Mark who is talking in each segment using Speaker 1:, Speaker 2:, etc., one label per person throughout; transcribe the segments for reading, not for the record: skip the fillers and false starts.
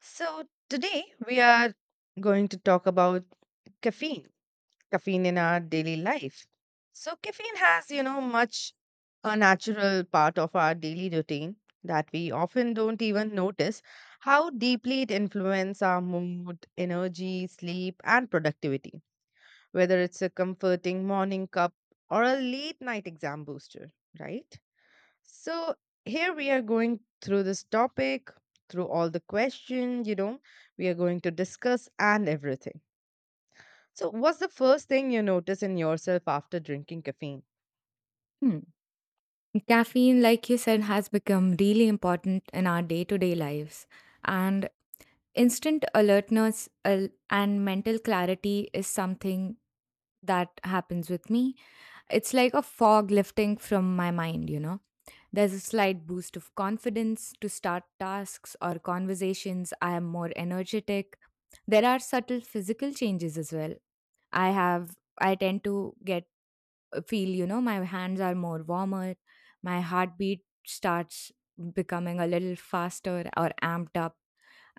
Speaker 1: So, today we are going to talk about caffeine, caffeine in our daily life. So, caffeine has, you know, much a natural part of our daily routine that we often don't even notice how deeply it influences our mood, energy, sleep, and productivity, whether it's a comforting morning cup or a late night exam booster, right? So here we are going through this topic, through all the questions, you know, we are going to discuss and everything. So what's the first thing you notice in yourself after drinking caffeine?
Speaker 2: Hmm. Caffeine, like you said, has become really important in our day to day lives. And Instant alertness and mental clarity is something that happens with me. It's like a fog lifting from my mind, you know. There's a slight boost of confidence to start tasks or conversations. I am more energetic. There are subtle physical changes as well. I tend to get feel you know my hands are more warmer, my heartbeat starts becoming a little faster or amped up,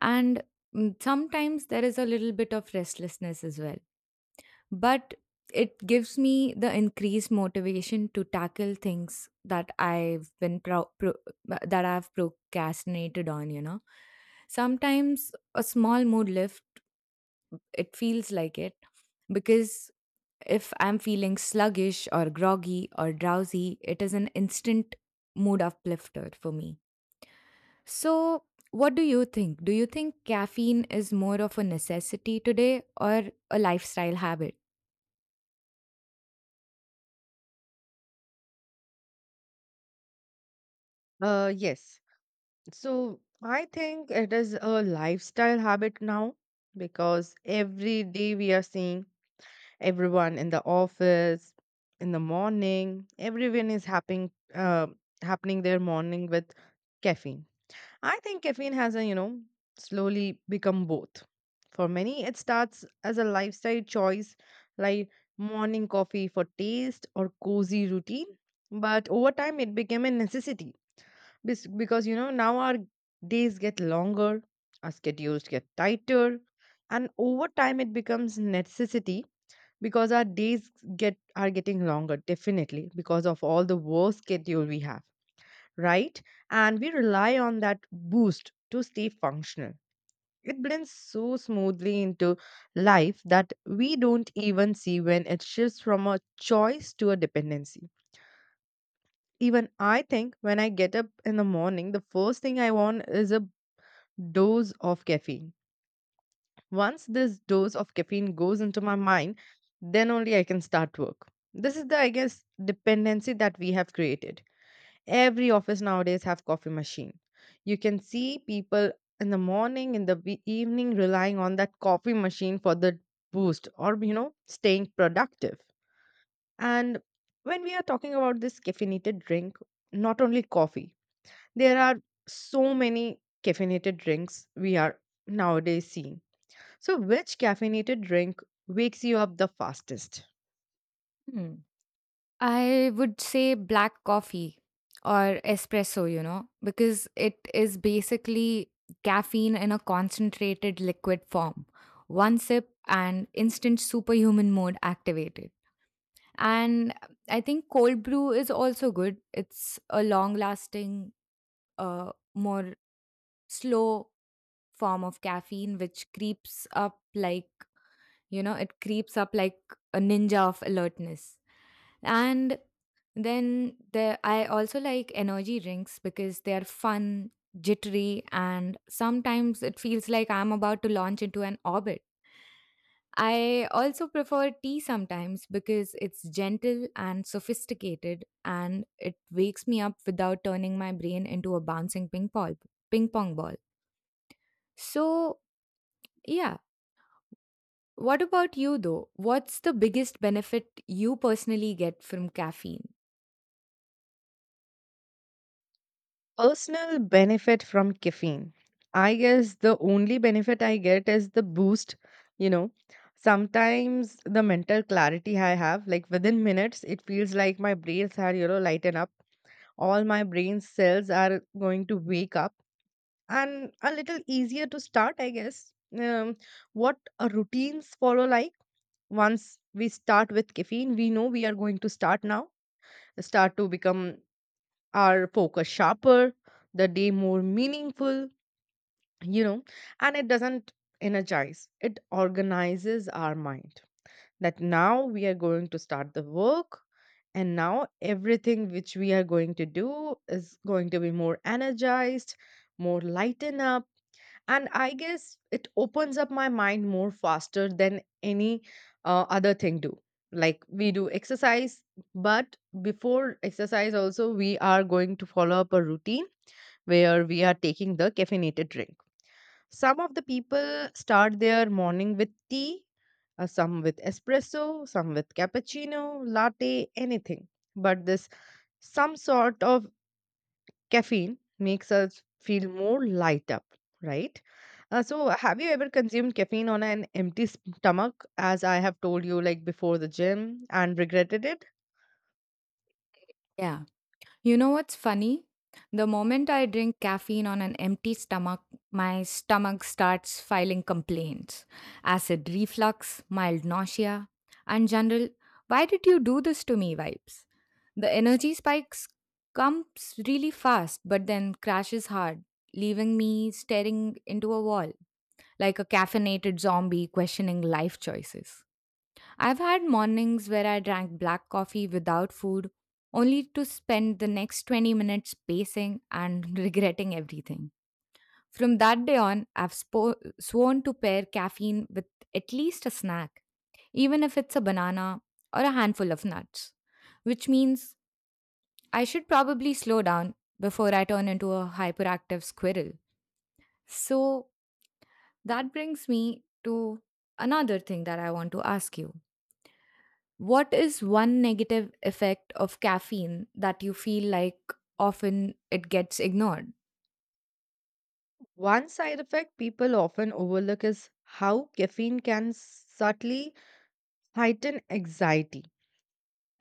Speaker 2: and sometimes there is a little bit of restlessness as well, but it gives me the increased motivation to tackle things that I've been pro- pro- that I've procrastinated on, you know. Sometimes a small mood lift, it feels like it, because if I'm feeling sluggish or groggy or drowsy, it is an instant mood uplifter for me. So, what do you think? Do you think caffeine is more of a necessity today or a lifestyle habit?
Speaker 1: Yes. So I think it is a lifestyle habit now because every day we are seeing everyone in the office in the morning, everyone is happening happening their morning with caffeine. I think caffeine has, a, you know, slowly become both. For many, it starts as a lifestyle choice, like morning coffee for taste or cozy routine. But over time, it became a necessity because, you know, now our days get longer, our schedules get tighter, and over time, it becomes necessity because our days get are getting longer definitely because of all the work schedule we have, right? And we rely on that boost to stay functional. It blends so smoothly into life that we don't even see when it shifts from a choice to a dependency. Even I think when I get up in the morning, the first thing I want is a dose of caffeine. Once this dose of caffeine goes into my mind, then only I can start work. This is the, I guess, dependency that we have created. Every office nowadays have coffee machine. You can see people in the morning, in the evening relying on that coffee machine for the boost or, you know, staying productive. And when we are talking about this caffeinated drink, not only coffee, there are so many caffeinated drinks we are nowadays seeing. So which caffeinated drink wakes you up the fastest?
Speaker 2: Hmm. I would say black coffee or espresso, you know, because it is basically caffeine in a concentrated liquid form. One sip and instant superhuman mode activated. And I think cold brew is also good. It's a long lasting, more slow form of caffeine which creeps up like, you know, it creeps up like a ninja of alertness. And then there I also like energy drinks because they are fun, jittery, and sometimes it feels like I'm about to launch into an orbit. I also prefer tea sometimes because it's gentle and sophisticated and it wakes me up without turning my brain into a bouncing ping pong ball. So, yeah, what about you though? What's the biggest benefit you personally get from caffeine?
Speaker 1: Personal benefit from caffeine. I guess the only benefit I get is the boost, you know. Sometimes the mental clarity I have, like within minutes, it feels like my brains are, you know, lighten up. All my brain cells are going to wake up and a little easier to start, I guess. What routines follow, like once we start with caffeine, we know we are going to start now, start to become our focus sharper, the day more meaningful, you know, and it doesn't energize, it organizes our mind. That now we are going to start the work, and now everything which we are going to do is going to be more energized, more lighten up, and I guess it opens up my mind more faster than any other thing do, like we do exercise, but before exercise also we are going to follow up a routine where we are taking the caffeinated drink. Some of the people start their morning with tea, some with espresso, some with cappuccino, latte, anything, but this some sort of caffeine makes us feel more light up, right? So, have you ever consumed caffeine on an empty stomach, as I have told you, like before the gym, and regretted it?
Speaker 2: Yeah. You know what's funny? The moment I drink caffeine on an empty stomach, my stomach starts filing complaints: acid reflux, mild nausea, and general, why did you do this to me vibes? The energy spikes comes really fast, but then crashes hard, leaving me staring into a wall like a caffeinated zombie questioning life choices. I've had mornings where I drank black coffee without food, only to spend the next 20 minutes pacing and regretting everything. From that day on, I've sworn to pair caffeine with at least a snack, even if it's a banana or a handful of nuts, which means I should probably slow down before I turn into a hyperactive squirrel. So that brings me to another thing that I want to ask you. What is one negative effect of caffeine that you feel like often it gets ignored?
Speaker 1: One side effect people often overlook is how caffeine can subtly heighten anxiety.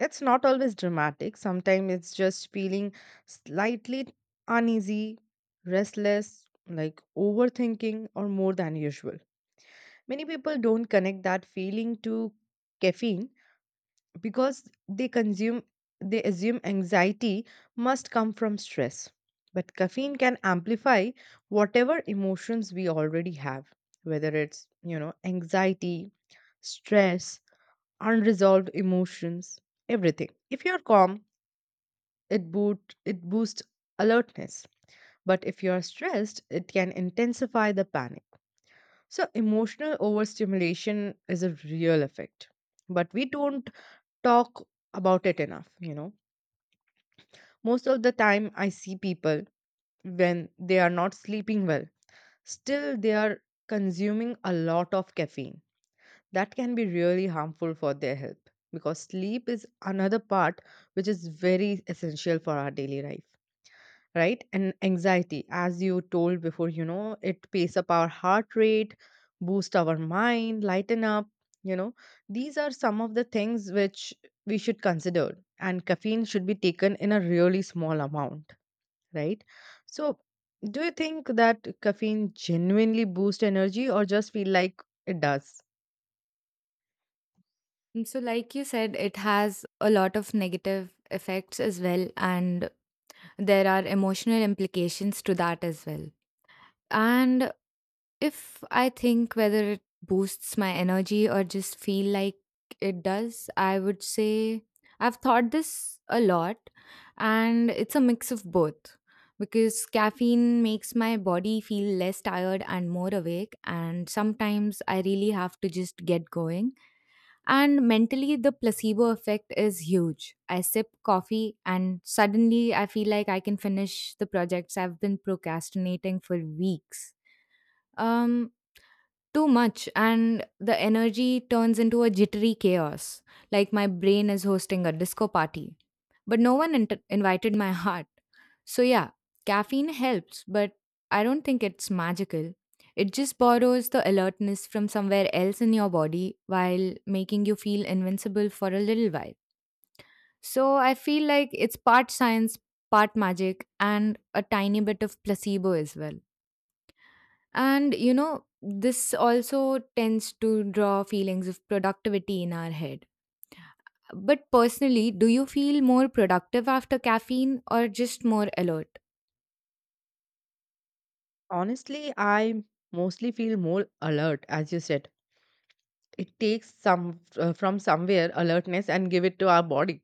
Speaker 1: It's not always dramatic, sometimes it's just feeling slightly uneasy, restless, like overthinking, or more than usual. Many people don't connect that feeling to caffeine because they assume anxiety must come from stress. But caffeine can amplify whatever emotions we already have, whether it's, you know, anxiety, stress, unresolved emotions, everything. If you're calm, it boosts alertness. But if you're stressed, it can intensify the panic. So, emotional overstimulation is a real effect, but we don't talk about it enough, you know. Most of the time, I see people when they are not sleeping well, still they are consuming a lot of caffeine. That can be really harmful for their health because sleep is another part which is very essential for our daily life. Right, and anxiety, as you told before, you know, it pace up our heart rate, boost our mind, lighten up, you know, these are some of the things which we should consider, and caffeine should be taken in a really small amount, right? So, do you think that caffeine genuinely boosts energy or just feel like it does?
Speaker 2: And so, like you said, it has a lot of negative effects as well, and there are emotional implications to that as well. And if I think whether it boosts my energy or just feel like it does, I would say I've thought this a lot and it's a mix of both because caffeine makes my body feel less tired and more awake, and sometimes I really have to just get going. And mentally the placebo effect is huge. I sip coffee and suddenly I feel like I can finish the projects I've been procrastinating for weeks. um, Too much and the energy turns into a jittery chaos, like my brain is hosting a disco party but no one invited my heart. So yeah, caffeine helps, but I don't think it's magical. It just borrows the alertness from somewhere else in your body while making you feel invincible for a little while. So I feel like it's part science, part magic, and a tiny bit of placebo as well. And you know, this also tends to draw feelings of productivity in our head. But personally, do you feel more productive after caffeine or just more alert?
Speaker 1: Honestly, I mostly feel more alert. As you said, it takes some, from somewhere, alertness and give it to our body.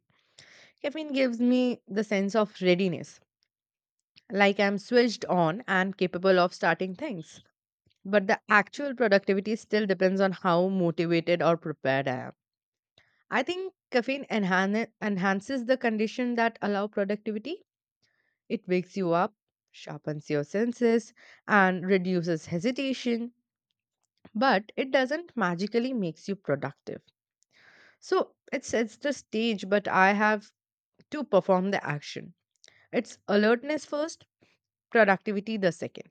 Speaker 1: Caffeine gives me the sense of readiness, like I'm switched on and capable of starting things. But the actual productivity still depends on how motivated or prepared I am. I think caffeine enhances the condition that allow productivity. It wakes you up, sharpens your senses, and reduces hesitation, but it doesn't magically makes you productive. So it sets the stage, but I have to perform the action. It's alertness first, productivity the second.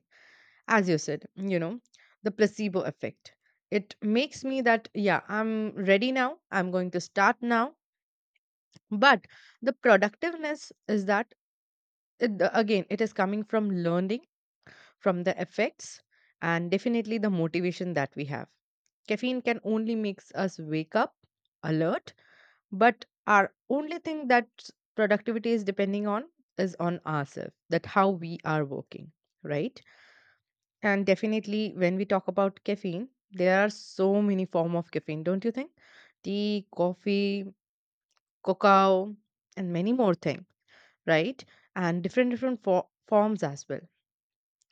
Speaker 1: As you said, you know, the placebo effect, it makes me that, yeah, I'm ready now, I'm going to start now. But the productiveness is that it again it is coming from learning from the effects and definitely the motivation that we have. Caffeine can only makes us wake up, alert, but our only thing that productivity is depending on is on ourselves, that how we are working, right? And definitely, when we talk about caffeine, there are so many form of caffeine, don't you think? Tea, coffee, cocoa, and many more thing, right? And different different forms as well.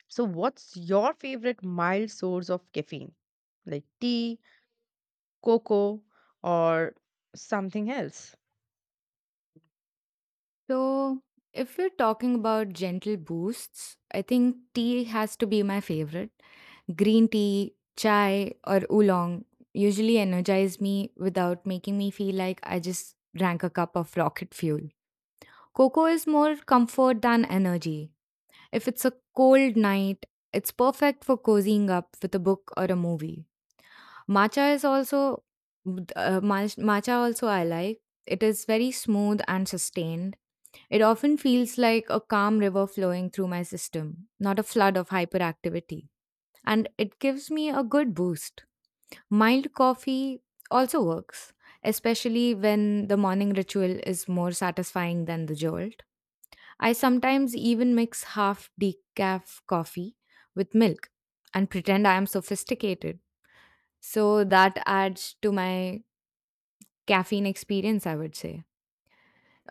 Speaker 1: So, what's your favorite mild source of caffeine, like tea, cocoa, or something else?
Speaker 2: So, if we're talking about gentle boosts, I think tea has to be my favorite. Green tea, chai, or oolong usually energize me without making me feel like I just drank a cup of rocket fuel. Cocoa is more comfort than energy. If it's a cold night, it's perfect for cozying up with a book or a movie. Matcha is also matcha also I like. It is very smooth and sustained. It often feels like a calm river flowing through my system, not a flood of hyperactivity. And it gives me a good boost. Mild coffee also works, especially when the morning ritual is more satisfying than the jolt. I sometimes even mix half decaf coffee with milk and pretend I am sophisticated. So that adds to my caffeine experience, I would say.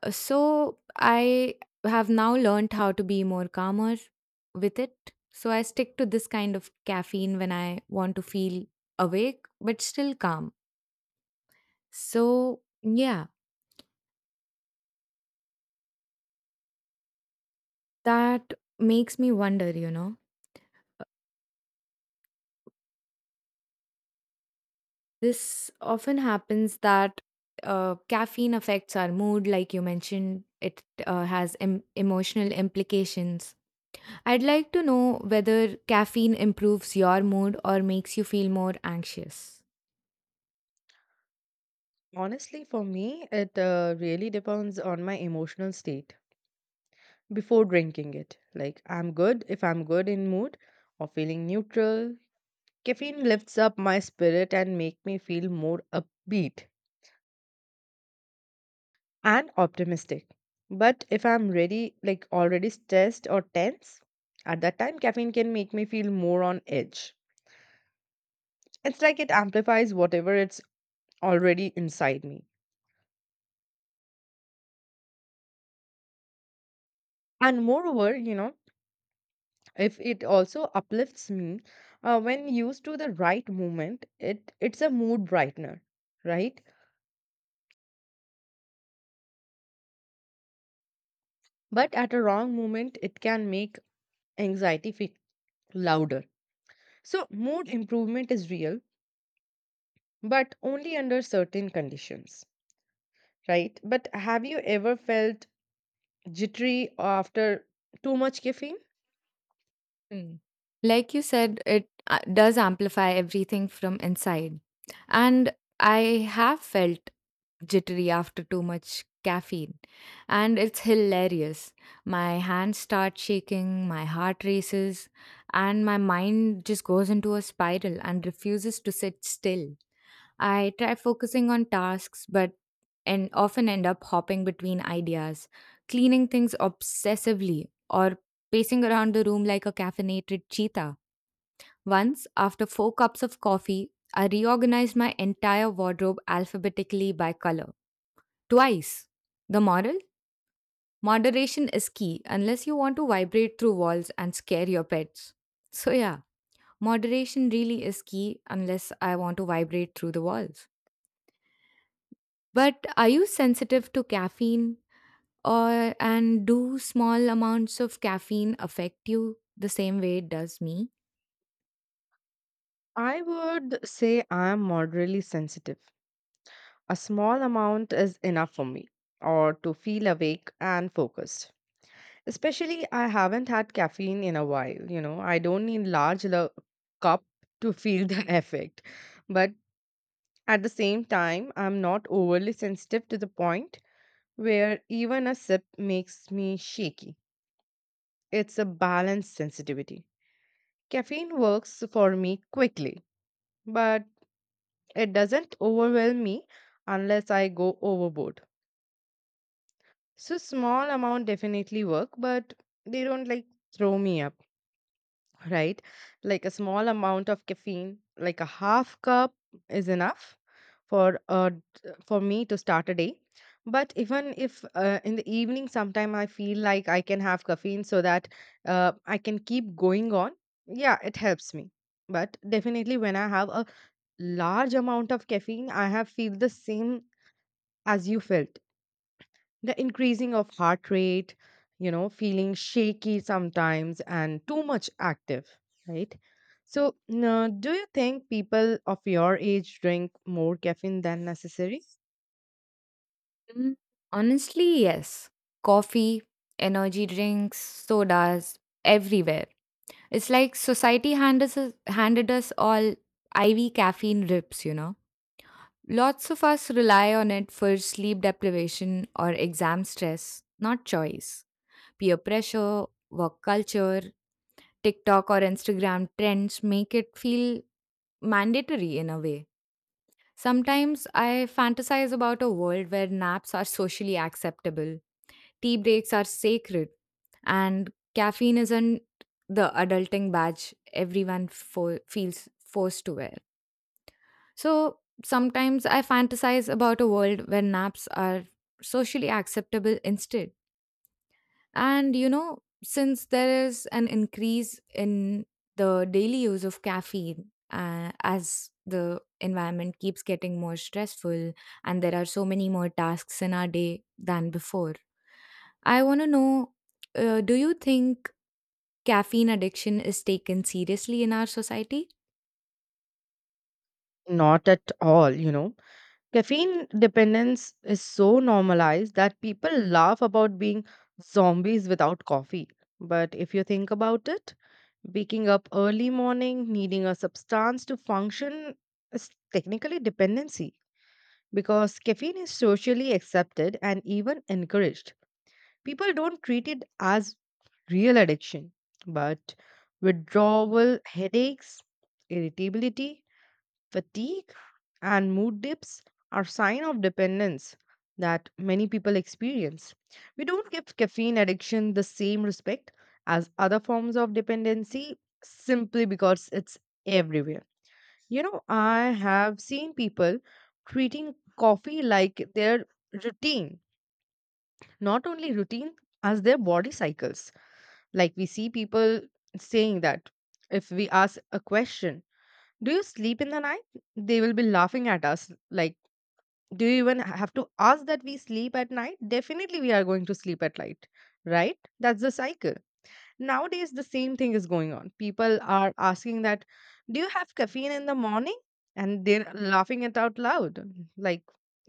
Speaker 2: So I have now learned how to be more calmer with it. So I stick to this kind of caffeine when I want to feel awake but still calm. So, yeah, that makes me wonder, you know, this often happens that caffeine affects our mood, like you mentioned, it has emotional implications. I'd like to know whether caffeine improves your mood or makes you feel more anxious.
Speaker 1: Honestly, for me, it really depends on my emotional state before drinking it. Like, I'm good if I'm good in mood or feeling neutral. Caffeine lifts up my spirit and make me feel more upbeat and optimistic. But if I'm ready, like already stressed or tense, at that time caffeine can make me feel more on edge. It's like it amplifies whatever it's already inside me. And moreover, you know, if it also uplifts me, when used to the right moment, it's a mood brightener, right? But at a wrong moment, it can make anxiety feel louder. So, mood improvement is real, but only under certain conditions, right? But have you ever felt jittery after too much caffeine?
Speaker 2: Mm. Like you said, it does amplify everything from inside. And I have felt jittery after too much caffeine. And it's hilarious. My hands start shaking, my heart races, and my mind just goes into a spiral and refuses to sit still. I try focusing on tasks, but and often end up hopping between ideas, cleaning things obsessively, or pacing around the room like a caffeinated cheetah. Once, after 4 cups of coffee, I reorganized my entire wardrobe alphabetically by color. Twice. The moral? Moderation is key unless you want to vibrate through walls and scare your pets. So, yeah, moderation really is key unless I want to vibrate through the walls. But are you sensitive to caffeine or, and do small amounts of caffeine affect you the same way it does me?
Speaker 1: I would say I am moderately sensitive. A small amount is enough for me, or to feel awake and focused. Especially, I haven't had caffeine in a while, you know. I don't need large cup to feel the effect. But at the same time, I'm not overly sensitive to the point where even a sip makes me shaky. It's a balanced sensitivity. Caffeine works for me quickly, but it doesn't overwhelm me unless I go overboard. So small amount definitely work, but they don't like throw me up, right? Like a small amount of caffeine, like a half cup is enough for for me to start a day. But even if in the evening sometime I feel like I can have caffeine so that I can keep going on, yeah, it helps me. But definitely when I have a large amount of caffeine, I have feel the same as you felt, the increasing of heart rate, you know, feeling shaky sometimes and too much active, right? So, now, do you think people of your age drink more caffeine than necessary?
Speaker 2: Mm, honestly, yes. Coffee, energy drinks, sodas, everywhere. It's like society handed us all IV caffeine rips, you know. Lots of us rely on it for sleep deprivation or exam stress, not choice. Peer pressure, work culture, TikTok or Instagram trends make it feel mandatory in a way. Sometimes I fantasize about a world where naps are socially acceptable. Tea breaks are sacred, and caffeine isn't the adulting badge everyone feels forced to wear. So sometimes I fantasize about a world where naps are socially acceptable instead. And you know, since there is an increase in the daily use of caffeine, as the environment keeps getting more stressful and there are so many more tasks in our day than before, I want to know, do you think caffeine addiction is taken seriously in our society?
Speaker 1: Not at all, you know. Caffeine dependence is so normalized that people laugh about being zombies without coffee. But if you think about it, waking up early morning, needing a substance to function is technically dependency. Because caffeine is socially accepted and even encouraged, people don't treat it as real addiction, but withdrawal, headaches, irritability, fatigue, and mood dips are sign of dependence that many people experience. We don't give caffeine addiction the same respect as other forms of dependency simply because it's everywhere. You know, I have seen people treating coffee like their routine, not only routine, as their body cycles. Like we see people saying that, if we ask a question, do you sleep in the night? They will be laughing at us. Like, do you even have to ask that we sleep at night? Definitely, we are going to sleep at night, right? That's the cycle. Nowadays, the same thing is going on. People are asking that, do you have caffeine in the morning? And they're laughing it out loud. Like,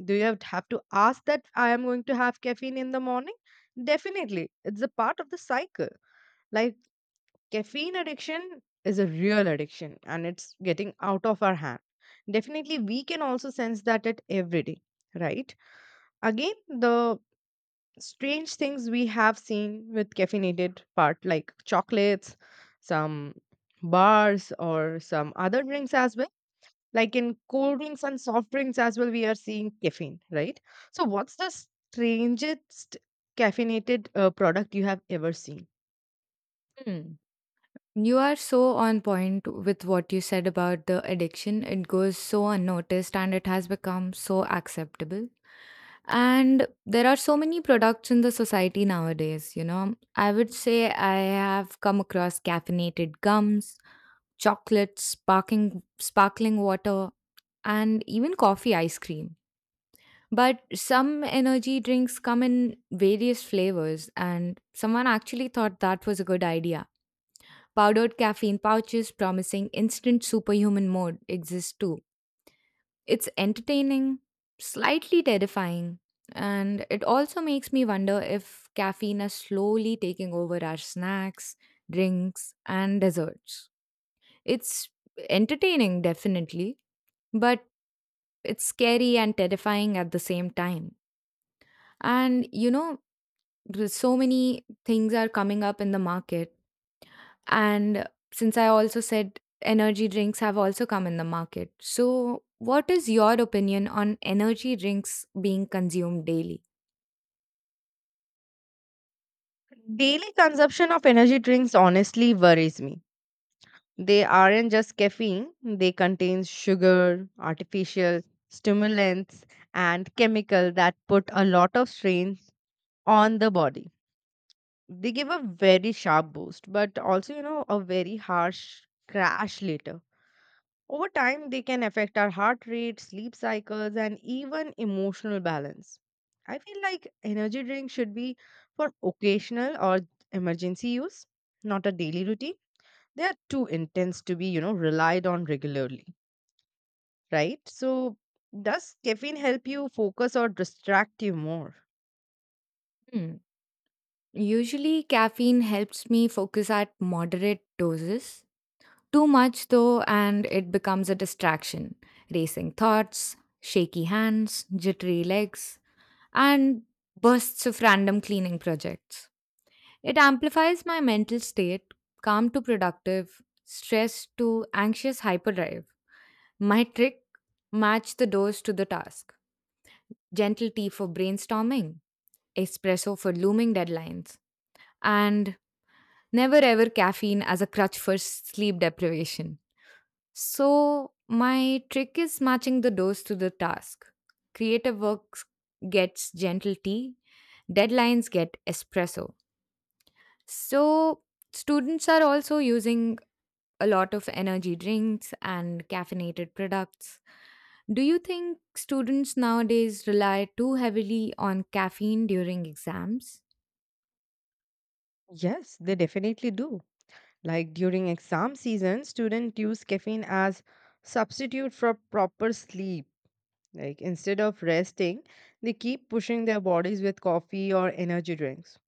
Speaker 1: do you have to ask that I am going to have caffeine in the morning? Definitely. It's a part of the cycle. Like, caffeine addiction is a real addiction and it's getting out of our hand. Definitely, we can also sense that at every day, right? Again, the strange things we have seen with caffeinated part like chocolates, some bars or some other drinks as well, like in cold drinks and soft drinks as well, we are seeing caffeine, right? So what's the strangest caffeinated product you have ever seen?
Speaker 2: Hmm. You are so on point with what you said about the addiction. It goes so unnoticed and it has become so acceptable. And there are so many products in the society nowadays, you know. I would say I have come across caffeinated gums, chocolates, sparkling water, and even coffee ice cream. But some energy drinks come in various flavors, and someone actually thought that was a good idea. Powdered caffeine pouches promising instant superhuman mode exist too. It's entertaining, slightly terrifying, and it also makes me wonder if caffeine is slowly taking over our snacks, drinks, and desserts. It's entertaining, definitely, but it's scary and terrifying at the same time. And you know, there's so many things are coming up in the market. And since I also said energy drinks have also come in the market. So, what is your opinion on energy drinks being consumed daily?
Speaker 1: Daily consumption of energy drinks honestly worries me. They aren't just caffeine, they contain sugar, artificial stimulants, and chemical that put a lot of strain on the body. They give a very sharp boost, but also, you know, a very harsh crash later. Over time, they can affect our heart rate, sleep cycles, and even emotional balance. I feel like energy drinks should be for occasional or emergency use, not a daily routine. They are too intense to be, you know, relied on regularly, right? So, does caffeine help you focus or distract you more?
Speaker 2: Hmm. Usually, caffeine helps me focus at moderate doses. Too much, though, and it becomes a distraction. Racing thoughts, shaky hands, jittery legs, and bursts of random cleaning projects. It amplifies my mental state, calm to productive, stress to anxious hyperdrive. My trick: match the dose to the task. Gentle tea for brainstorming, espresso for looming deadlines, and never ever caffeine as a crutch for sleep deprivation. So, my trick is matching the dose to the task. Creative work gets gentle tea, deadlines get espresso. So, students are also using a lot of energy drinks and caffeinated products. Do you think students nowadays rely too heavily on caffeine during exams?
Speaker 1: Yes, they definitely do. Like during exam season, students use caffeine as substitute for proper sleep. Like instead of resting, they keep pushing their bodies with coffee or energy drinks.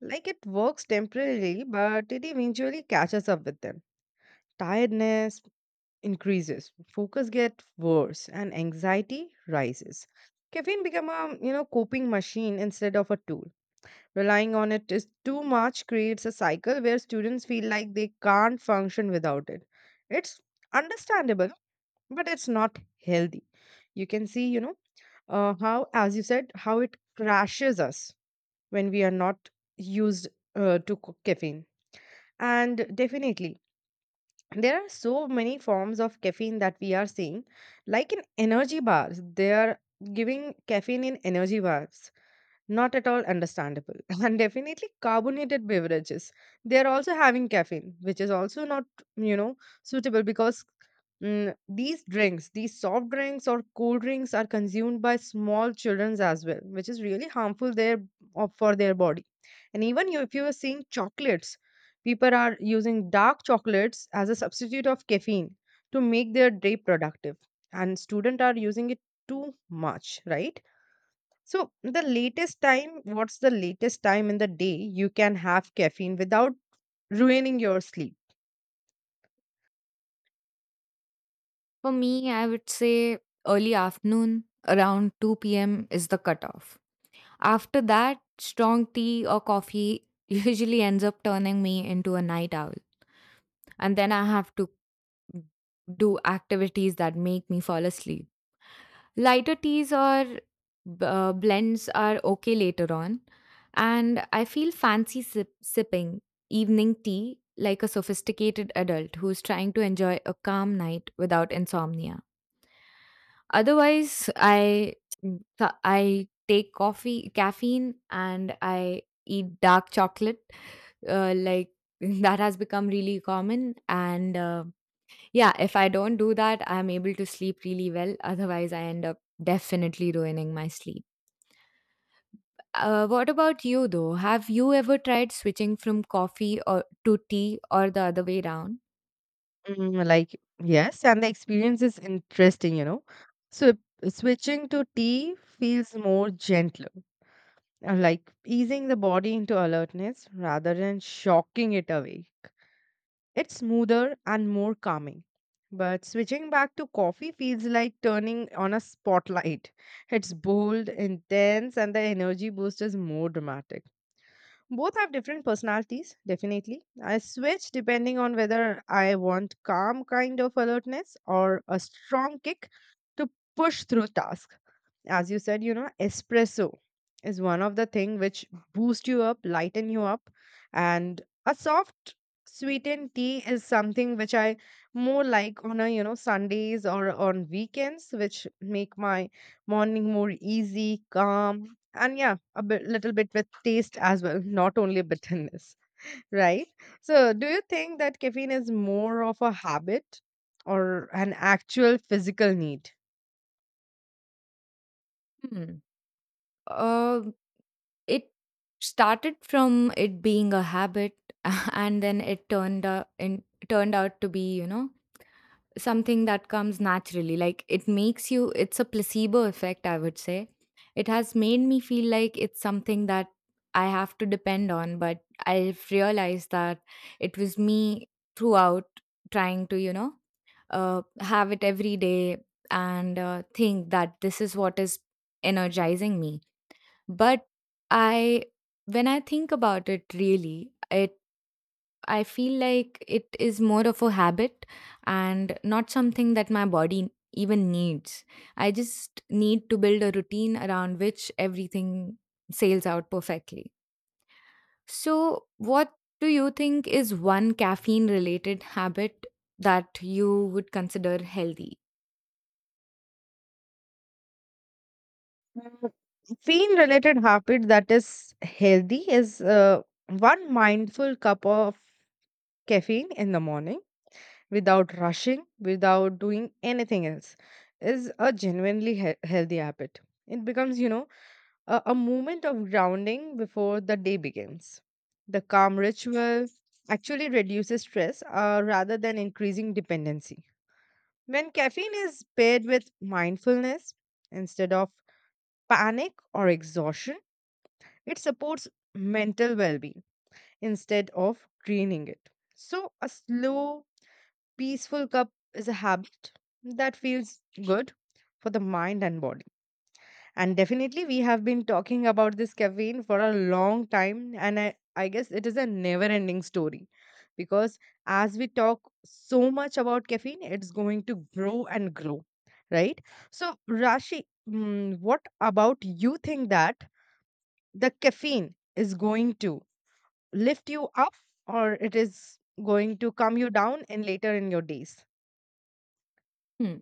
Speaker 1: Like it works temporarily, but it eventually catches up with them. Tiredness increases, focus gets worse, and anxiety rises. Caffeine become a, you know, coping machine instead of a tool. Relying on it is too much creates a cycle where students feel like they can't function without it. It's understandable, but it's not healthy. You can see, you know, how, as you said, how it crashes us when we are not used to caffeine. And definitely, there are so many forms of caffeine that we are seeing, like in energy bars. They are giving caffeine in energy bars, not at all understandable. And definitely carbonated beverages. They are also having caffeine, which is also not, you know, suitable because these drinks, these soft drinks or cold drinks are consumed by small children as well, which is really harmful there for their body. And even you, if you are seeing chocolates, people are using dark chocolates as a substitute of caffeine to make their day productive. And students are using it too much, right? So, the latest time, what's the latest time in the day you can have caffeine without ruining your sleep?
Speaker 2: For me, I would say early afternoon, around 2 p.m., is the cutoff. After that, strong tea or coffee usually ends up turning me into a night owl, and then I have to do activities that make me fall asleep. Lighter teas or blends are okay later on, and I feel fancy sipping evening tea like a sophisticated adult who's trying to enjoy a calm night without insomnia. Otherwise, I take coffee, caffeine, and I eat dark chocolate. Like that has become really common, and yeah, if I don't do that, I'm able to sleep really well. Otherwise, I end up definitely ruining my sleep. What about you though? Have you ever tried switching from coffee or to tea or the other way around?
Speaker 1: Like, yes, and the experience is interesting, you know. So, switching to tea feels more gentler, like easing the body into alertness rather than shocking it awake. It's smoother and more calming. But switching back to coffee feels like turning on a spotlight. It's bold, intense, and the energy boost is more dramatic. Both have different personalities, definitely. I switch depending on whether I want calm kind of alertness or a strong kick to push through tasks. As you said, you know, espresso is one of the thing which boost you up, lighten you up, and a soft sweetened tea is something which I more like on a, you know, Sundays or on weekends, which make my morning more easy, calm, and yeah, a bit, little bit with taste as well, not only bitterness. Right? So do you think that caffeine is more of a habit or an actual physical need?
Speaker 2: Hmm. Uh, it started from it being a habit, and then it turned out to be, you know, something that comes naturally. Like it makes you, it's a placebo effect, I would say. It has made me feel like it's something that I have to depend on, but I've realized that it was me throughout trying to, you know, have it every day and think that this is what is energizing me, but I, when I think about it really, it, I feel like it is more of a habit and not something that my body even needs. I just need to build a routine around which everything sails out perfectly. So, what do you think is one caffeine related habit that you would consider healthy?
Speaker 1: Mm, Feel related habit that is healthy is one mindful cup of caffeine in the morning, without rushing, without doing anything else, is a genuinely healthy habit. It becomes, you know, a moment of grounding before the day begins. The calm ritual actually reduces stress, rather than increasing dependency. When caffeine is paired with mindfulness instead of panic or exhaustion, it supports mental well being instead of draining it. So, a slow, peaceful cup is a habit that feels good for the mind and body. And definitely, we have been talking about this caffeine for a long time, and I guess it is a never ending story, because as we talk so much about caffeine, it's going to grow and grow, right? So, Rashi, what about you think that the caffeine is going to lift you up or it is going to calm you down and later in your days?
Speaker 2: Hmm.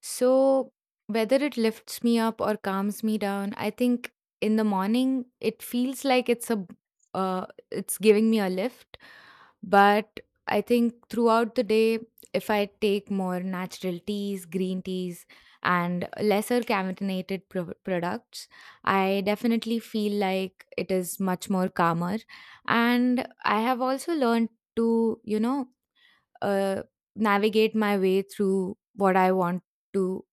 Speaker 2: So, whether it lifts me up or calms me down, I think in the morning it feels like it's a it's giving me a lift, but I think throughout the day, if I take more natural teas, green teas, and lesser caffeinated products, I definitely feel like it is much more calmer. And I have also learned to, you know, uh, navigate my way through what I want to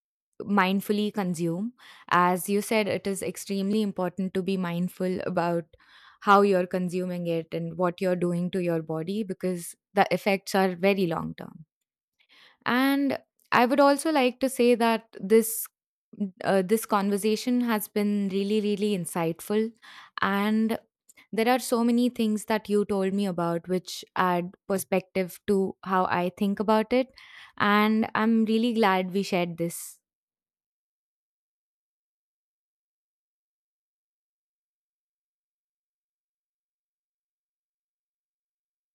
Speaker 2: mindfully consume. As you said, it is extremely important to be mindful about how you're consuming it and what you're doing to your body because the effects are very long term. And I would also like to say that this this conversation has been really really insightful, and there are so many things that you told me about which add perspective to how I think about it, and I'm really glad we shared this.